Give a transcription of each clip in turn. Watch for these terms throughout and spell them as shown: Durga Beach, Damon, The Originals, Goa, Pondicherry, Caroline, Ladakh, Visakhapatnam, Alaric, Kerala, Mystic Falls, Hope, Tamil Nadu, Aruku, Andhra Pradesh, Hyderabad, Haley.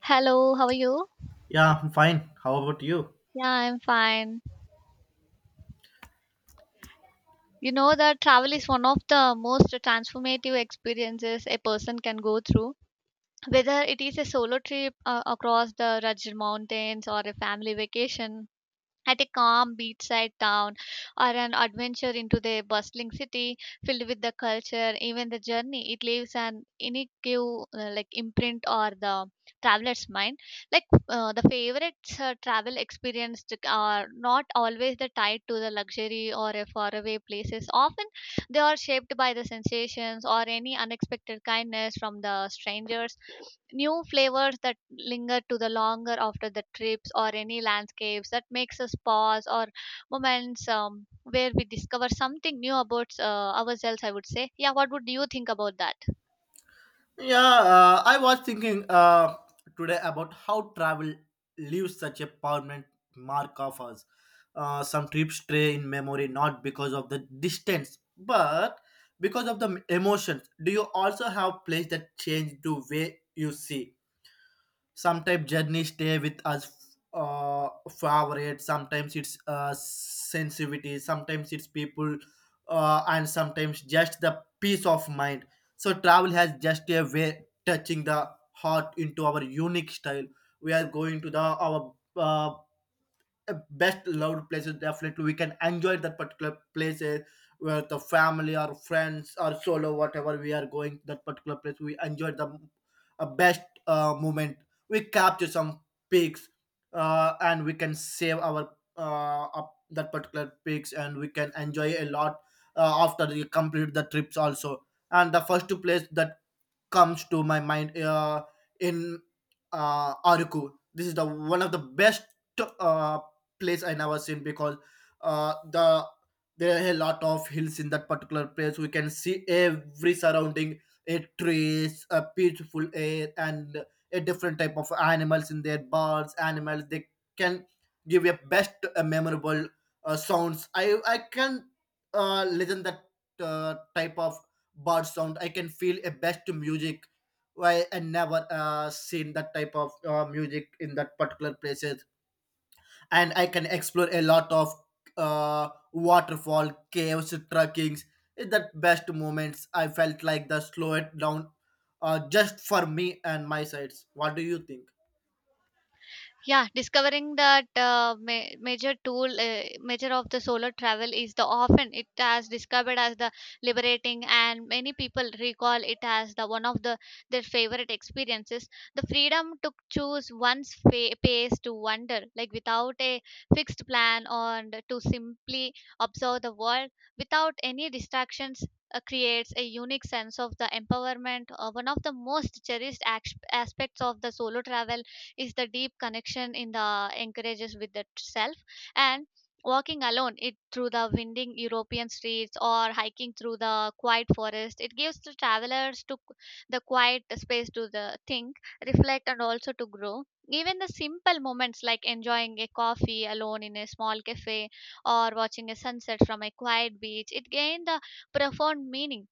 Hello, how are you? Yeah, I'm fine. How about you? Yeah, I'm fine. You know that travel is one of the most transformative experiences a person can go through. Whether it is a solo trip across the rugged mountains or a family vacation, at a calm beachside town or an adventure into the bustling city filled with the culture, even the journey, it leaves an inigual like imprint or the traveler's mind, like the favorites travel experience are not always the tied to the luxury or a faraway places. Often they are shaped by the sensations or any unexpected kindness from the strangers. New flavors that linger to the longer after the trips or any landscapes that makes us pause or moments where we discover something new about ourselves. I would say, yeah. What would you think about that? Yeah, I was thinking today about how travel leaves such a permanent mark of us. Some trips stay in memory not because of the distance, but because of the emotions. Do you also have place that change the way you see? Sometimes journeys stay with us favorite sometimes it's sensitivity sometimes it's people, and sometimes just the peace of mind. So travel has just a way touching the heart into our unique style. We are going to the our best loved places. Definitely we can enjoy that particular places where the family or friends or solo whatever we are going that particular place we enjoy the best moment. We capture some pics, and we can save our up that particular pics and we can enjoy a lot after we complete the trips also. And the first place that comes to my mind in Aruku. This is the one of the best uh, place I never seen because uh, the there are a lot of hills in that particular place. We can see every surrounding, a trees, a beautiful air, and a different type of animals in there. Birds, animals. They can give you best memorable sounds. I can listen that type of bird sound. I can feel a best music. Why I never seen that type of music in that particular places. And I can explore a lot of waterfall caves trekkings. It's the best moments I felt like the slow it down, just for me and my sides. What do you think? Yeah, discovering that major tool, major of the solar travel is the often it has discovered as the liberating, and many people recall it as the one of the their favorite experiences. The freedom to choose pace to wander, like without a fixed plan, and to simply observe the world without any distractions. Creates a unique sense of the empowerment. One of the most cherished aspects of the solo travel is the deep connection in the encourages with the self, and walking alone it through the winding European streets or hiking through the quiet forest, it gives the travelers to the quiet space to the think, reflect, and also to grow. Even the simple moments like enjoying a coffee alone in a small cafe or watching a sunset from a quiet beach, it gained the profound meaning.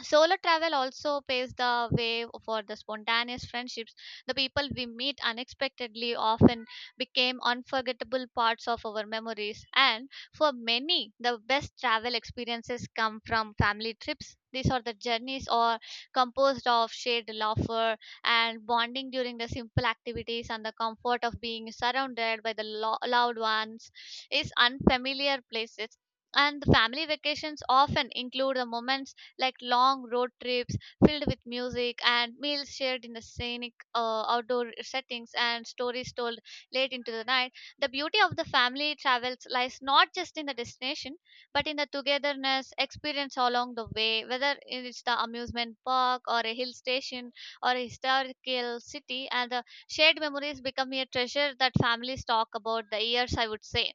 Solo travel also paves the way for the spontaneous friendships. The people we meet unexpectedly often became unforgettable parts of our memories. And for many, the best travel experiences come from family trips. These are the journeys or composed of shared laughter and bonding during the simple activities, and the comfort of being surrounded by the loved ones is unfamiliar places. And the family vacations often include the moments like long road trips filled with music and meals shared in the scenic outdoor settings, and stories told late into the night. The beauty of the family travels lies not just in the destination but in the togetherness experience along the way, whether it's the amusement park or a hill station or a historical city, and the shared memories become a treasure that families talk about the years, I would say.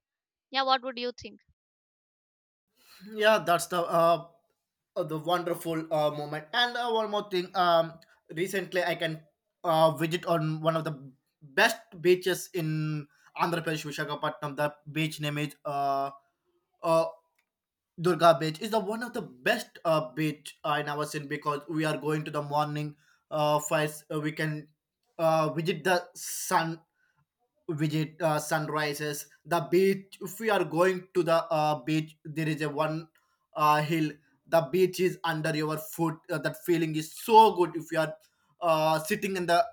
Yeah, what would you think? Yeah, that's the wonderful moment. And one more thing, recently I can visit on one of the best beaches in Andhra Pradesh, Visakhapatnam. The beach name is uh, Durga Beach. Is the one of the best beach I never seen because we are going to the morning. First we can visit the sun visit sunrises the beach. If we are going to the beach there is a one hill. The beach is under your foot. That feeling is so good. If you are sitting in the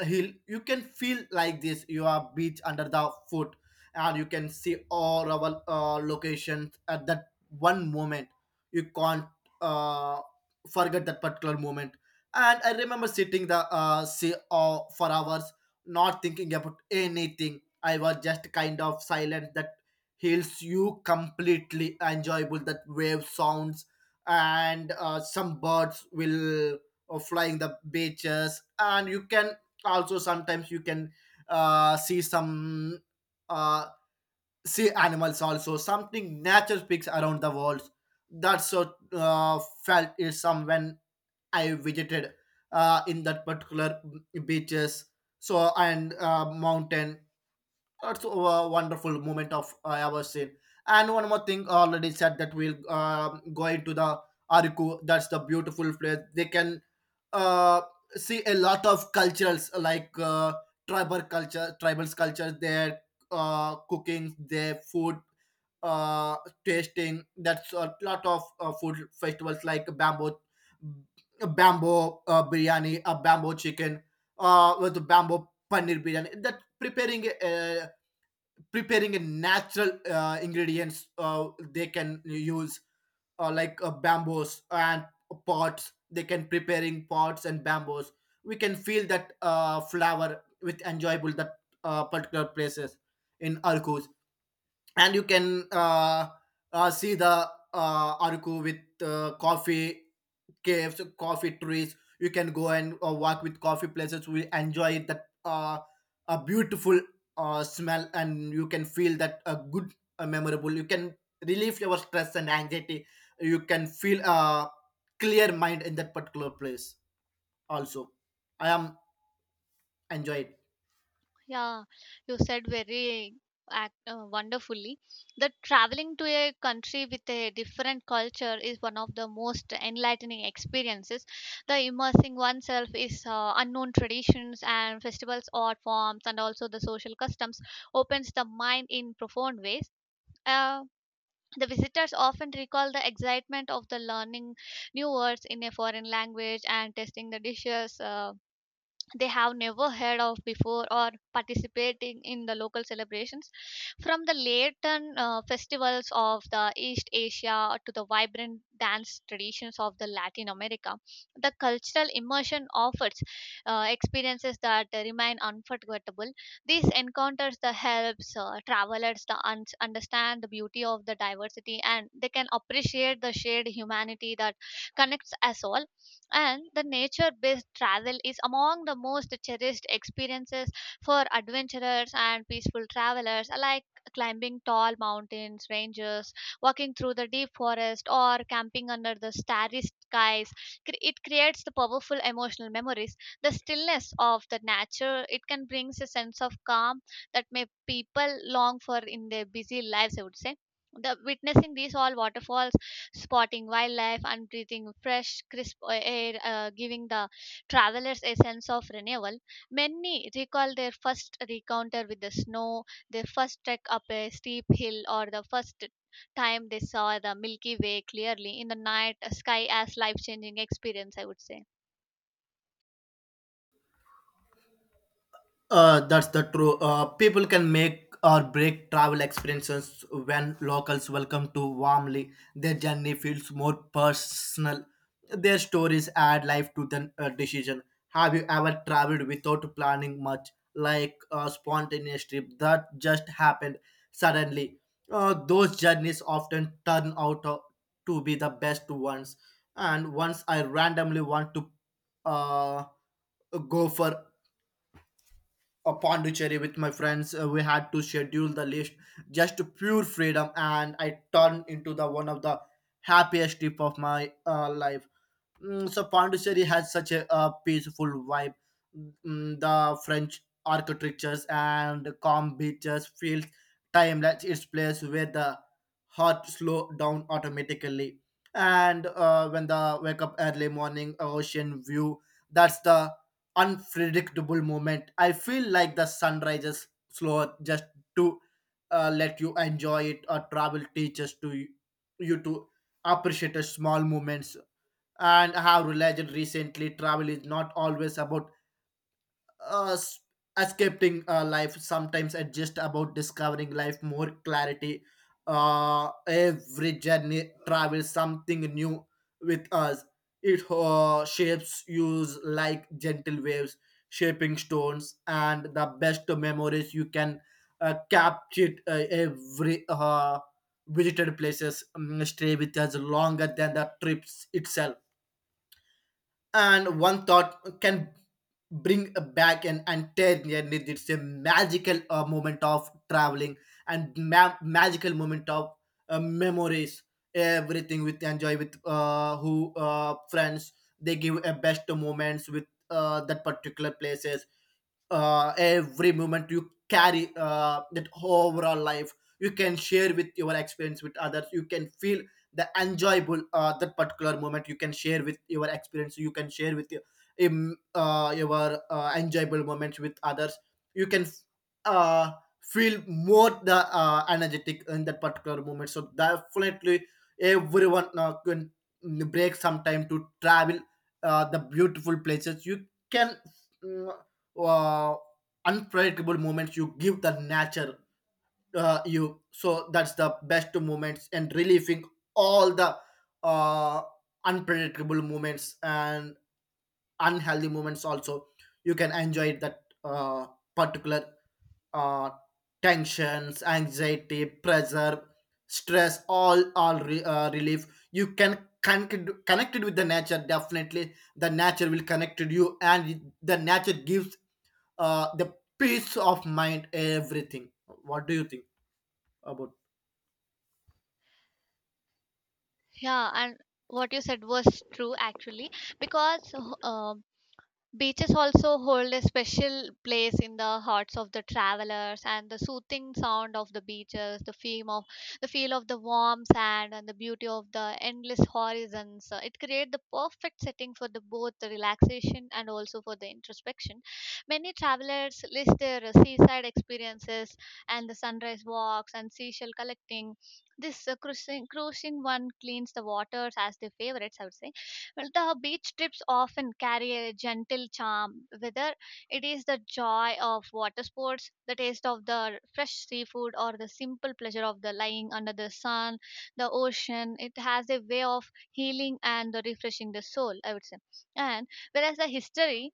hill you can feel like this you are beach under the foot, and you can see all our locations at that one moment. You can't uh, forget that particular moment. And I remember sitting the sea for hours, not thinking about anything. I was just kind of silent. That heals you completely. Enjoyable that wave sounds, and some birds will flying the beaches. And you can also sometimes you can see some uh, see animals also. Something nature speaks around the world. That's so felt is some when I visited in that particular beaches, so and mountain. That's a wonderful moment of I ever seen. And one more thing, already said that we'll go into the Ariku. That's the beautiful place. They can uh, see a lot of cultures like tribal culture, tribals culture, their cooking, their food uh, tasting. That's a lot of food festivals like bamboo, bamboo biryani, a bamboo chicken, with the bamboo paneer biryani. That preparing preparing a natural ingredients. They can use bamboos and pots. They can preparing pots and bamboos. We can feel that flower with enjoyable that particular places in arcus. And you can see the Arku with coffee caves, coffee trees. You can go and walk with coffee places. We enjoy that a beautiful smell, and you can feel that a good, memorable. You can relieve your stress and anxiety. You can feel a clear mind in that particular place. Also, I am enjoyed. Yeah, you said very ac wonderfully that traveling to a country with a different culture is one of the most enlightening experiences. The immersing oneself is unknown traditions and festivals, art forms, and also the social customs opens the mind in profound ways. Uh, the visitors often recall the excitement of the learning new words in a foreign language and tasting the dishes. They have never heard of before or participating in the local celebrations from the latent festivals of the East Asia to the vibrant dance traditions of the Latin America, the cultural immersion offers experiences that remain unforgettable. These encounters the helps travelers to understand the beauty of the diversity, and they can appreciate the shared humanity that connects us all. And the nature based travel is among the most cherished experiences for adventurers and peaceful travelers alike. Climbing tall mountains ranges, walking through the deep forest, or camping under the starry skies, it creates the powerful emotional memories. The stillness of the nature it can brings a sense of calm that may people long for in their busy lives, I would say. The witnessing these all waterfalls, spotting wildlife, and breathing fresh, crisp air, giving the travelers a sense of renewal. Many recall their first encounter with the snow, their first trek up a steep hill, or the first time they saw the Milky Way clearly in the night sky as life changing experience, I would say. That's the true. People can make or break travel experiences when locals welcome to warmly. Their journey feels more personal. Their stories add life to the decision. Have you ever traveled without planning much, like a spontaneous trip that just happened suddenly? Those journeys often turn out to be the best ones. And once I randomly want to uh, go for a Pondicherry with my friends. We had to schedule the list just to pure freedom, and I turned into the one of the happiest trip of my life. Mm, so Pondicherry has such a, peaceful vibe. Mm, the French architectures and the calm beaches feels timeless. It's place where the heart slow down automatically, and when the wake up early morning ocean view, that's the unpredictable moment. I feel like the sun rises slower just to let you enjoy it or travel teaches you to appreciate the small moments. And I have realized recently travel is not always about uh, s- escaping life. Sometimes it's just about discovering life more clarity. Every journey travels something new with us. It shapes use like gentle waves shaping stones. And the best memories you can capture every visited places, stay with us longer than the trips itself. And one thought can bring back an entire year. It's a magical moment of traveling and magical moment of memories. Everything with enjoy with who friends, they give a best moments with that particular places. Every moment you carry that overall life. You can share with your experience with others. You can feel the enjoyable that particular moment. You can share with your experience, you can share with your enjoyable moments with others. You can uh, feel more the energetic in that particular moment. So definitely everyone can break some time to travel the beautiful places. You can mm, uh, unpredictable moments you give the nature you. So that's the best moments and relieving all the uh, unpredictable moments and unhealthy moments also. You can enjoy that particular uh, tensions anxiety pressure stress, all relief. You can connected with the nature. Definitely the nature will connect to you, and the nature gives the peace of mind, everything. What do you think about? Yeah, and what you said was true actually because um beaches also hold a special place in the hearts of the travelers, and the soothing sound of the beaches, the feel of the warm sand, and the beauty of the endless horizons. It creates the perfect setting for the both the relaxation and also for the introspection. Many travelers list their seaside experiences and the sunrise walks and seashell collecting. This cruising one cleans the waters as their favorites, I would say. Well, the beach trips often carry a gentle charm, whether it is the joy of water sports, the taste of the fresh seafood, or the simple pleasure of the lying under the sun, the ocean. It has a way of healing and refreshing the soul, I would say. And whereas the history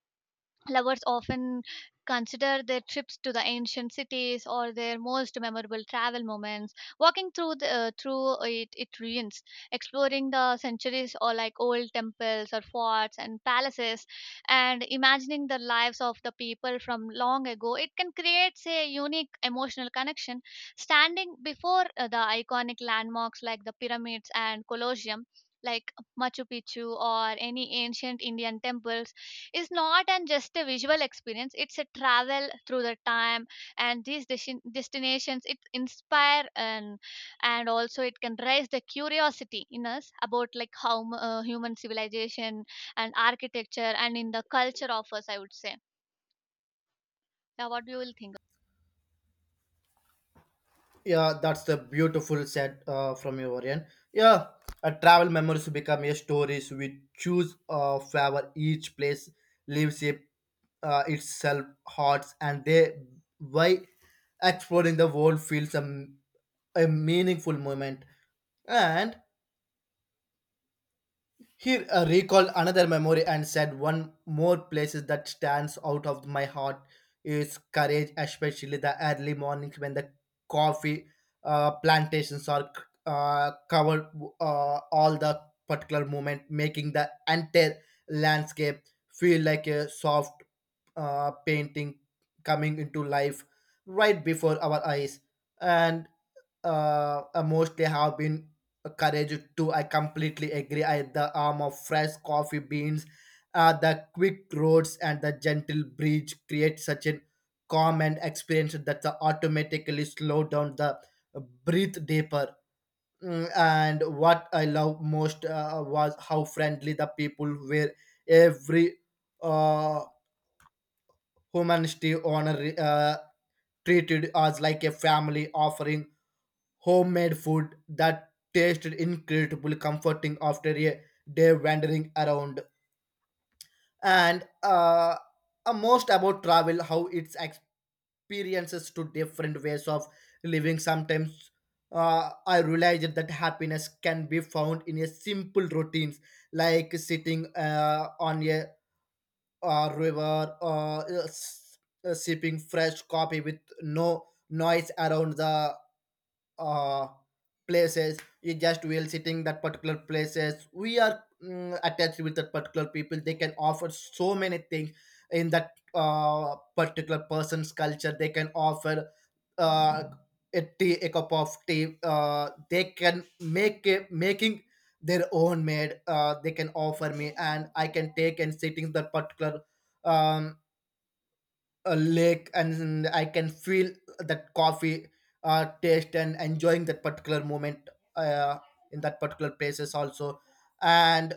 lovers often consider their trips to the ancient cities or their most memorable travel moments. Walking through the, it ruins, exploring the centuries or like old temples or forts and palaces, and imagining the lives of the people from long ago. It can create a unique emotional connection. Standing before the iconic landmarks like the pyramids and Colosseum. Like Machu Picchu or any ancient Indian temples, is not an just a visual experience, it's a travel through the time. And these destinations it inspire and also it can raise the curiosity in us about like how human civilization and architecture and in the culture of us, I would say. Yeah, what do you will think? Yeah, that's the beautiful set from your end. Yeah, a travel memories become a stories we choose favor. Each place leaves a, itself hearts, and they why exploring the world feels a meaningful moment. And he recalled another memory and said, one more places that stands out of my heart is courage, especially the early mornings when the coffee plantations are covered, all the particular moment, making the entire landscape feel like a soft painting coming into life right before our eyes. And mostly have been encouraged to. I completely agree. I the arm of fresh coffee beans, the quick roads, and the gentle breeze create such an calm and experience that the automatically slow down the breathe deeper. Mm, and what I love most was how friendly the people were. Every uh, humanity owner treated us like a family offering homemade food that tasted incredibly comforting after a day wandering around. And most about travel, how its experiences to different ways of living. Sometimes I realized that happiness can be found in a simple routines like sitting on a river or sipping fresh coffee with no noise around the uh, places. You just will sitting that particular places. We are mm, attached with that particular people. They can offer so many things in that particular person's culture. They can offer uh, a tea, a cup of tea. They can make a, making their own made, they can offer me and I can take and sit in that particular, um, a lake, and I can feel that coffee taste and enjoying that particular moment uh, in that particular places also. And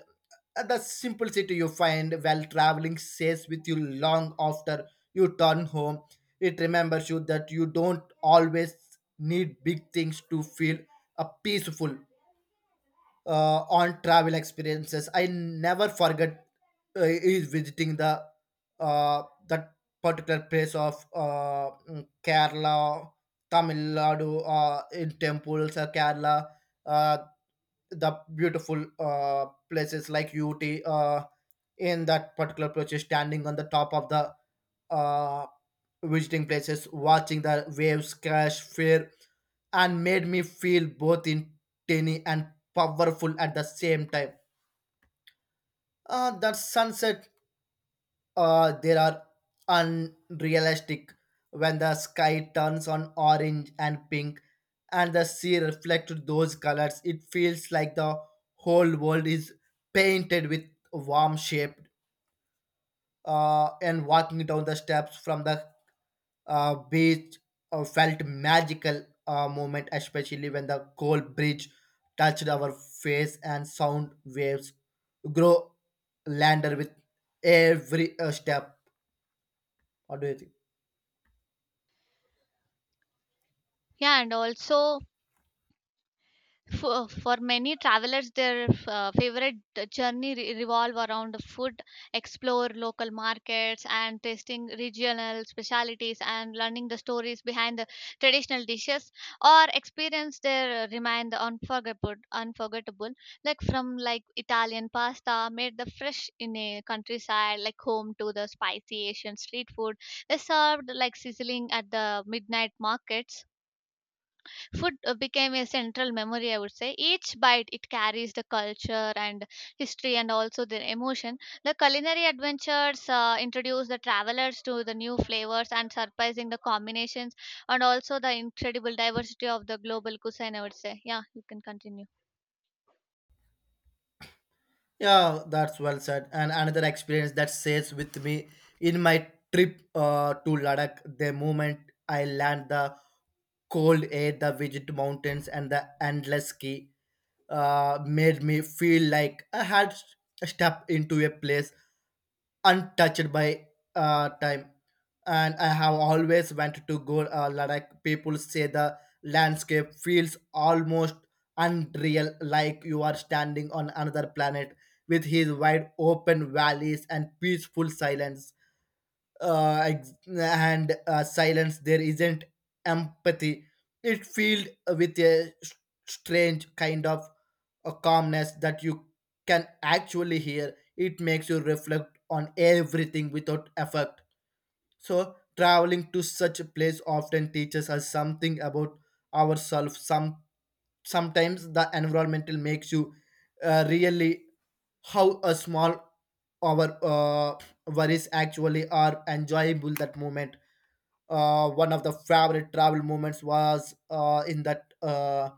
the simplicity you find while traveling stays with you long after you turn home. It remembers you that you don't always need big things to feel peaceful on travel experiences. I never forget is visiting the uh, that particular place of mm, Kerala, Tamil Nadu, in temples, Kerala, uh, the beautiful places like UT. In that particular place, standing on the top of the uh, visiting places, watching the waves crash, fear, and made me feel both in tiny and powerful at the same time. That sunset, there are unrealistic when the sky turns on orange and pink and the sea reflects those colors. It feels like the whole world is painted with warm shape. And walking down the steps from the beach felt magical moment, especially when the cold bridge touched our face and sound waves grow lander with every step. What do you think? Yeah, and also for many travelers, their favorite journey revolve around food, explore local markets, and tasting regional specialities, and learning the stories behind the traditional dishes, or experience their remain the unforgettable, unforgettable. Like from like Italian pasta made the fresh in a countryside, like home to the spicy Asian street food, they served like sizzling at the midnight markets. Food became a central memory, I would say. Each bite it carries the culture and history and also the emotion. The culinary adventures introduce the travelers to the new flavors and surprising the combinations, and also the incredible diversity of the global cuisine, I would say. Yeah, you can continue. Yeah, that's well said. And another experience that stays with me in my trip to Ladakh, the moment I land the cold air, the vivid mountains, and the endless ski made me feel like I had stepped into a place untouched by time. And I have always wanted to go Ladakh. People say the landscape feels almost unreal, like you are standing on another planet with his wide open valleys and peaceful silence. Ex- and Silence there isn't empathy. It filled with a strange kind of a calmness that you can actually hear. It makes you reflect on everything without effort. So traveling to such a place often teaches us something about ourselves. Sometimes the environmental makes you really how a small our worries actually are enjoyable that moment. One of the favorite travel moments was in that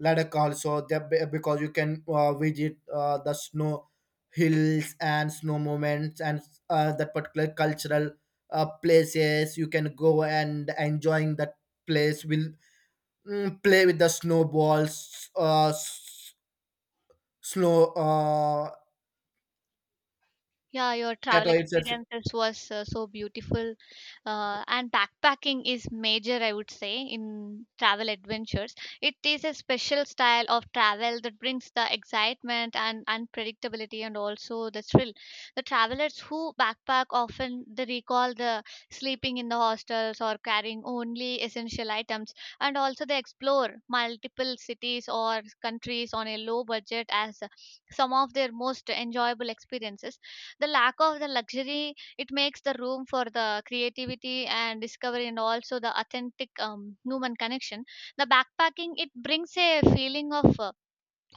Ladakh also. There because you can visit the snow hills and snow moments, and that particular cultural places you can go, and enjoying that place will play with the snowballs s- snow Yeah, your travel tattoo. experiences was so beautiful, and backpacking is major, I would say, in travel adventures. It is a special style of travel that brings the excitement and unpredictability, and also the thrill. The travelers who backpack often they recall the sleeping in the hostels or carrying only essential items, and also they explore multiple cities or countries on a low budget as some of their most enjoyable experiences. The lack of the luxury it makes the room for the creativity and discovery, and also the authentic human connection. The backpacking it brings a feeling of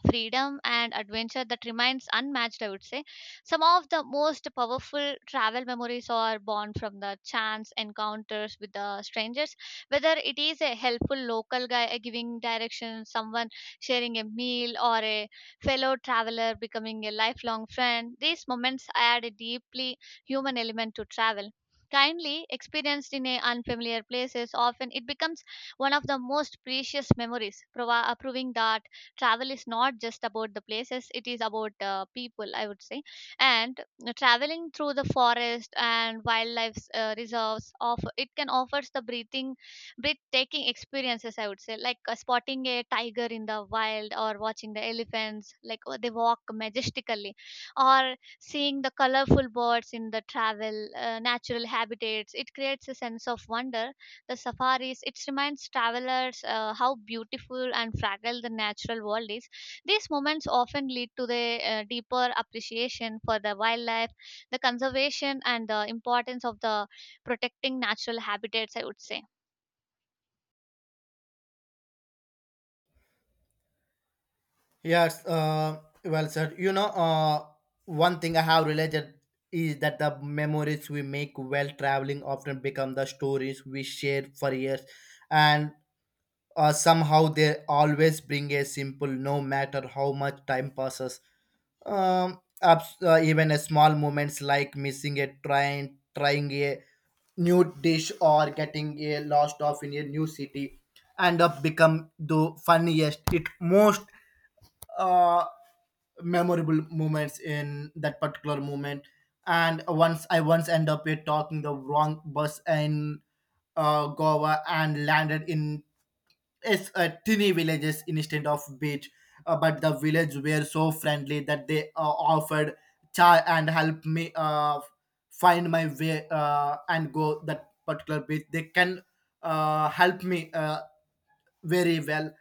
freedom and adventure that remains unmatched, I would say. Some of the most powerful travel memories are born from the chance encounters with the strangers, whether it is a helpful local guy giving directions, someone sharing a meal, or a fellow traveler becoming a lifelong friend. These moments add a deeply human element to travel. Kindly experienced in a unfamiliar places often it becomes one of the most precious memories, proving that travel is not just about the places, it is about people, I would say. And traveling through the forest and wildlife reserves of it can offers the breathing breathtaking experiences, I would say, like spotting a tiger in the wild or watching the elephants like they walk majestically, or seeing the colorful birds in the travel natural habitats. It creates a sense of wonder. The safaris it reminds travelers how beautiful and fragile the natural world is. These moments often lead to the deeper appreciation for the wildlife, the conservation, and the importance of the protecting natural habitats, I would say. Yes, well said. You know, one thing I have realized is that the memories we make while traveling often become the stories we share for years, and somehow they always bring a simple, no matter how much time passes. Even a small moments like missing a train, trying a new dish, or getting a lost off in a new city, end up become the funniest, it most. Uh, Memorable moments in that particular moment. And once I once end up with talking the wrong bus in Goa and landed in it's a tiny villages instead of beach. But the village were so friendly that they offered chai and helped me find my way, and go that particular beach. They can help me very well.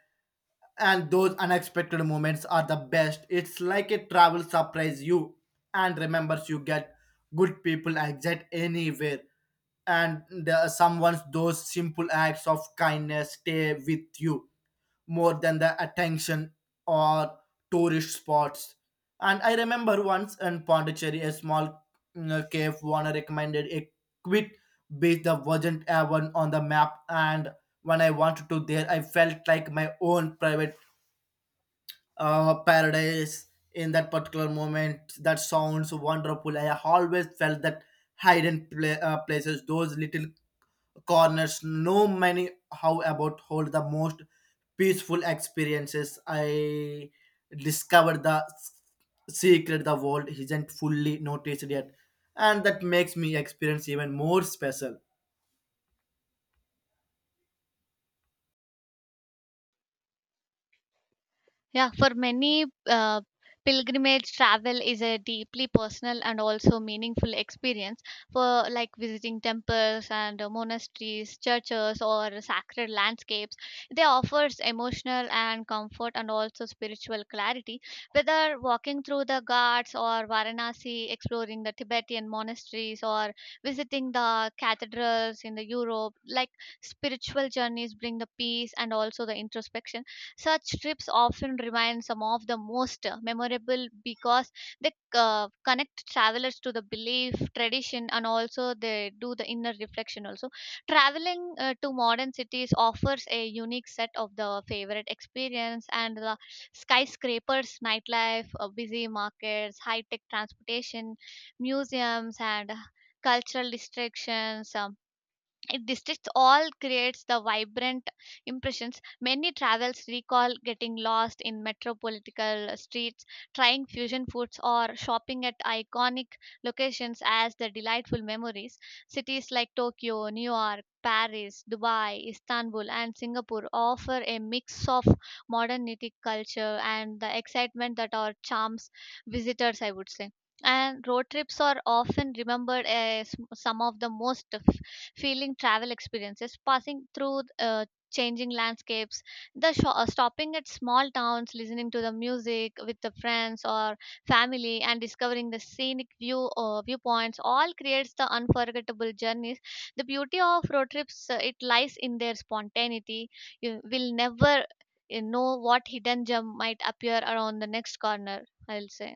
And those unexpected moments are the best. It's like a travel surprise you and remembers you get good people exit anywhere. And someone's those simple acts of kindness stay with you more than the attention or tourist spots. And I remember once in Pondicherry, a small cave owner recommended a quick beach that wasn't even on the map, and when I wanted to there, I felt like my own private paradise in that particular moment. That sounds wonderful. I always felt that hidden places, those little corners, no many how about hold the most peaceful experiences. I discovered the secret the world isn't fully noticed yet, and that makes me experience even more special. Yeah, for many, pilgrimage travel is a deeply personal and also meaningful experience, for like visiting temples and monasteries, churches, or sacred landscapes. They offers emotional and comfort and also spiritual clarity. Whether walking through the Ghats or Varanasi, exploring the Tibetan monasteries, or visiting the cathedrals in the Europe, like spiritual journeys bring the peace and also the introspection. Such trips often remain some of the most memorable because they connect travelers to the belief, tradition, and also they do the inner reflection. Also, traveling to modern cities offers a unique set of the favorite experience, and the skyscrapers, nightlife, busy markets, high tech transportation, museums, and cultural distractions. It districts all creates the vibrant impressions. Many travels recall getting lost in metropolitan streets, trying fusion foods, or shopping at iconic locations as the delightful memories. Cities like Tokyo, New York, Paris, Dubai, Istanbul, and Singapore offer a mix of modernity, culture, and the excitement that are charms visitors, I would say. And road trips are often remembered as some of the most feeling travel experiences, passing through changing landscapes, the sho stopping at small towns, listening to the music with the friends or family, and discovering the scenic viewpoints, all creates the unforgettable journeys. The beauty of road trips it lies in their spontaneity. You will never you know what hidden gem might appear around the next corner. I'll say.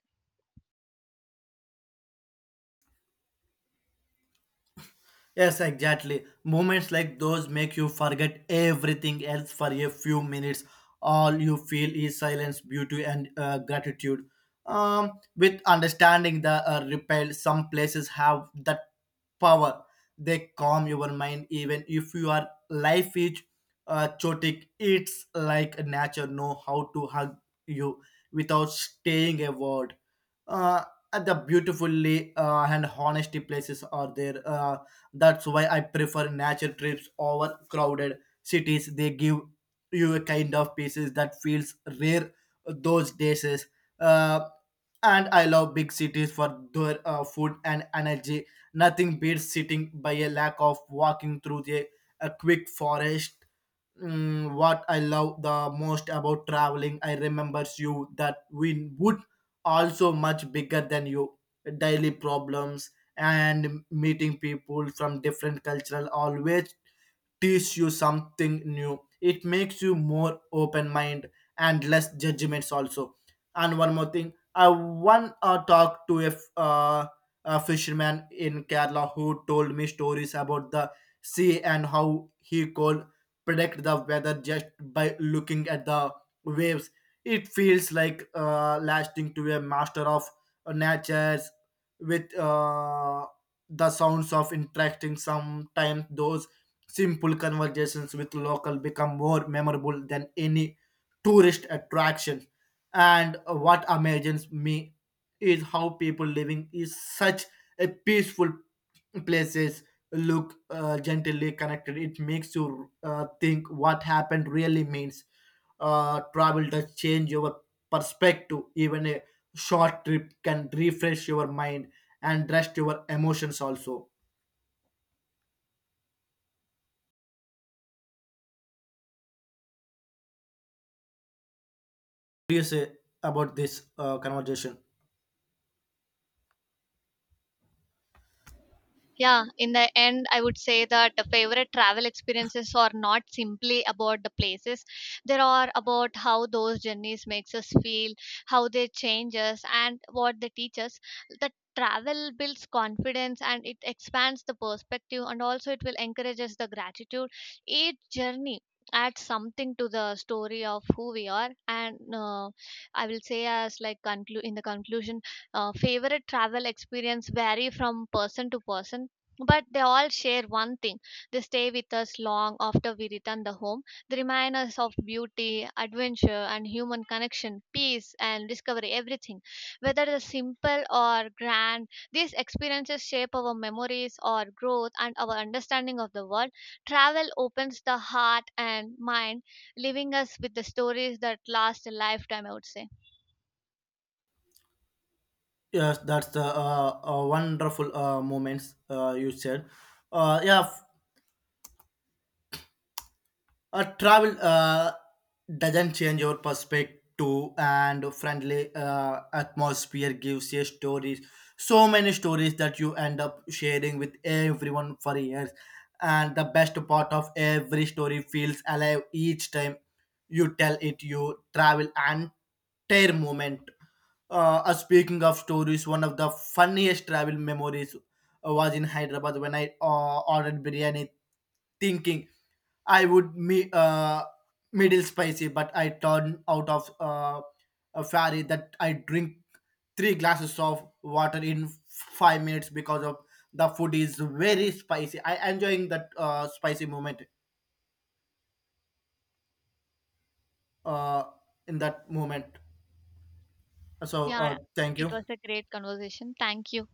Yes, exactly. Moments like those make you forget everything else for a few minutes. All you feel is silence, beauty, and gratitude. With understanding the repel, some places have that power. They calm your mind, even if your life is chaotic. It's like nature know how to hug you without staying a word. Uh, and the beautifully and honesty places are there. That's why I prefer nature trips over crowded cities. They give you a kind of pieces that feels rare those days. Uh, and I love big cities for their food and energy. Nothing beats sitting by a lack of walking through the a quick forest. What I love the most about traveling, I remembers you that we would also much bigger than you daily problems. And meeting people from different cultural always teach you something new. It makes you more open mind and less judgments also. And one more thing, I one talked to a fisherman in Kerala who told me stories about the sea, and how he could predict the weather just by looking at the waves. It feels like lasting to a master of nature's with the sounds of interacting. Sometimes those simple conversations with local become more memorable than any tourist attraction. And what amazes me is how people living is such a peaceful places look gently connected. It makes you think what happened really means. Travel does change your perspective. Even a short trip can refresh your mind and rest your emotions also. What do you say about this conversation? Yeah, in the end, I would say that the favorite travel experiences are not simply about the places. They are about how those journeys makes us feel, how they change us, and what they teach us. The travel builds confidence and it expands the perspective, and also it will encourage us the gratitude. Each journey adds something to the story of who we are, and I will say as like conclude in the conclusion, favorite travel experience vary from person to person, but they all share one thing. They stay with us long after we return the home. They remind us of beauty, adventure, and human connection, peace and discovery, everything. Whether the simple or grand, these experiences shape our memories, our growth, and our understanding of the world. Travel opens the heart and mind, leaving us with the stories that last a lifetime, I would say. Yes, that's the wonderful moments you said. Yeah. Travel doesn't change your perspective, and friendly atmosphere gives you stories, so many stories that you end up sharing with everyone for years. And the best part of every story feels alive each time you tell it. You travel and tear moment. Speaking of stories, one of the funniest travel memories was in Hyderabad when I ordered biryani, thinking I would me middle spicy, but I turn out of a fairy that I drink 3 glasses of water in 5 minutes because of the food is very spicy. I enjoying that spicy moment uh, in that moment. So Yeah, thank it you. was a great conversation, thank you.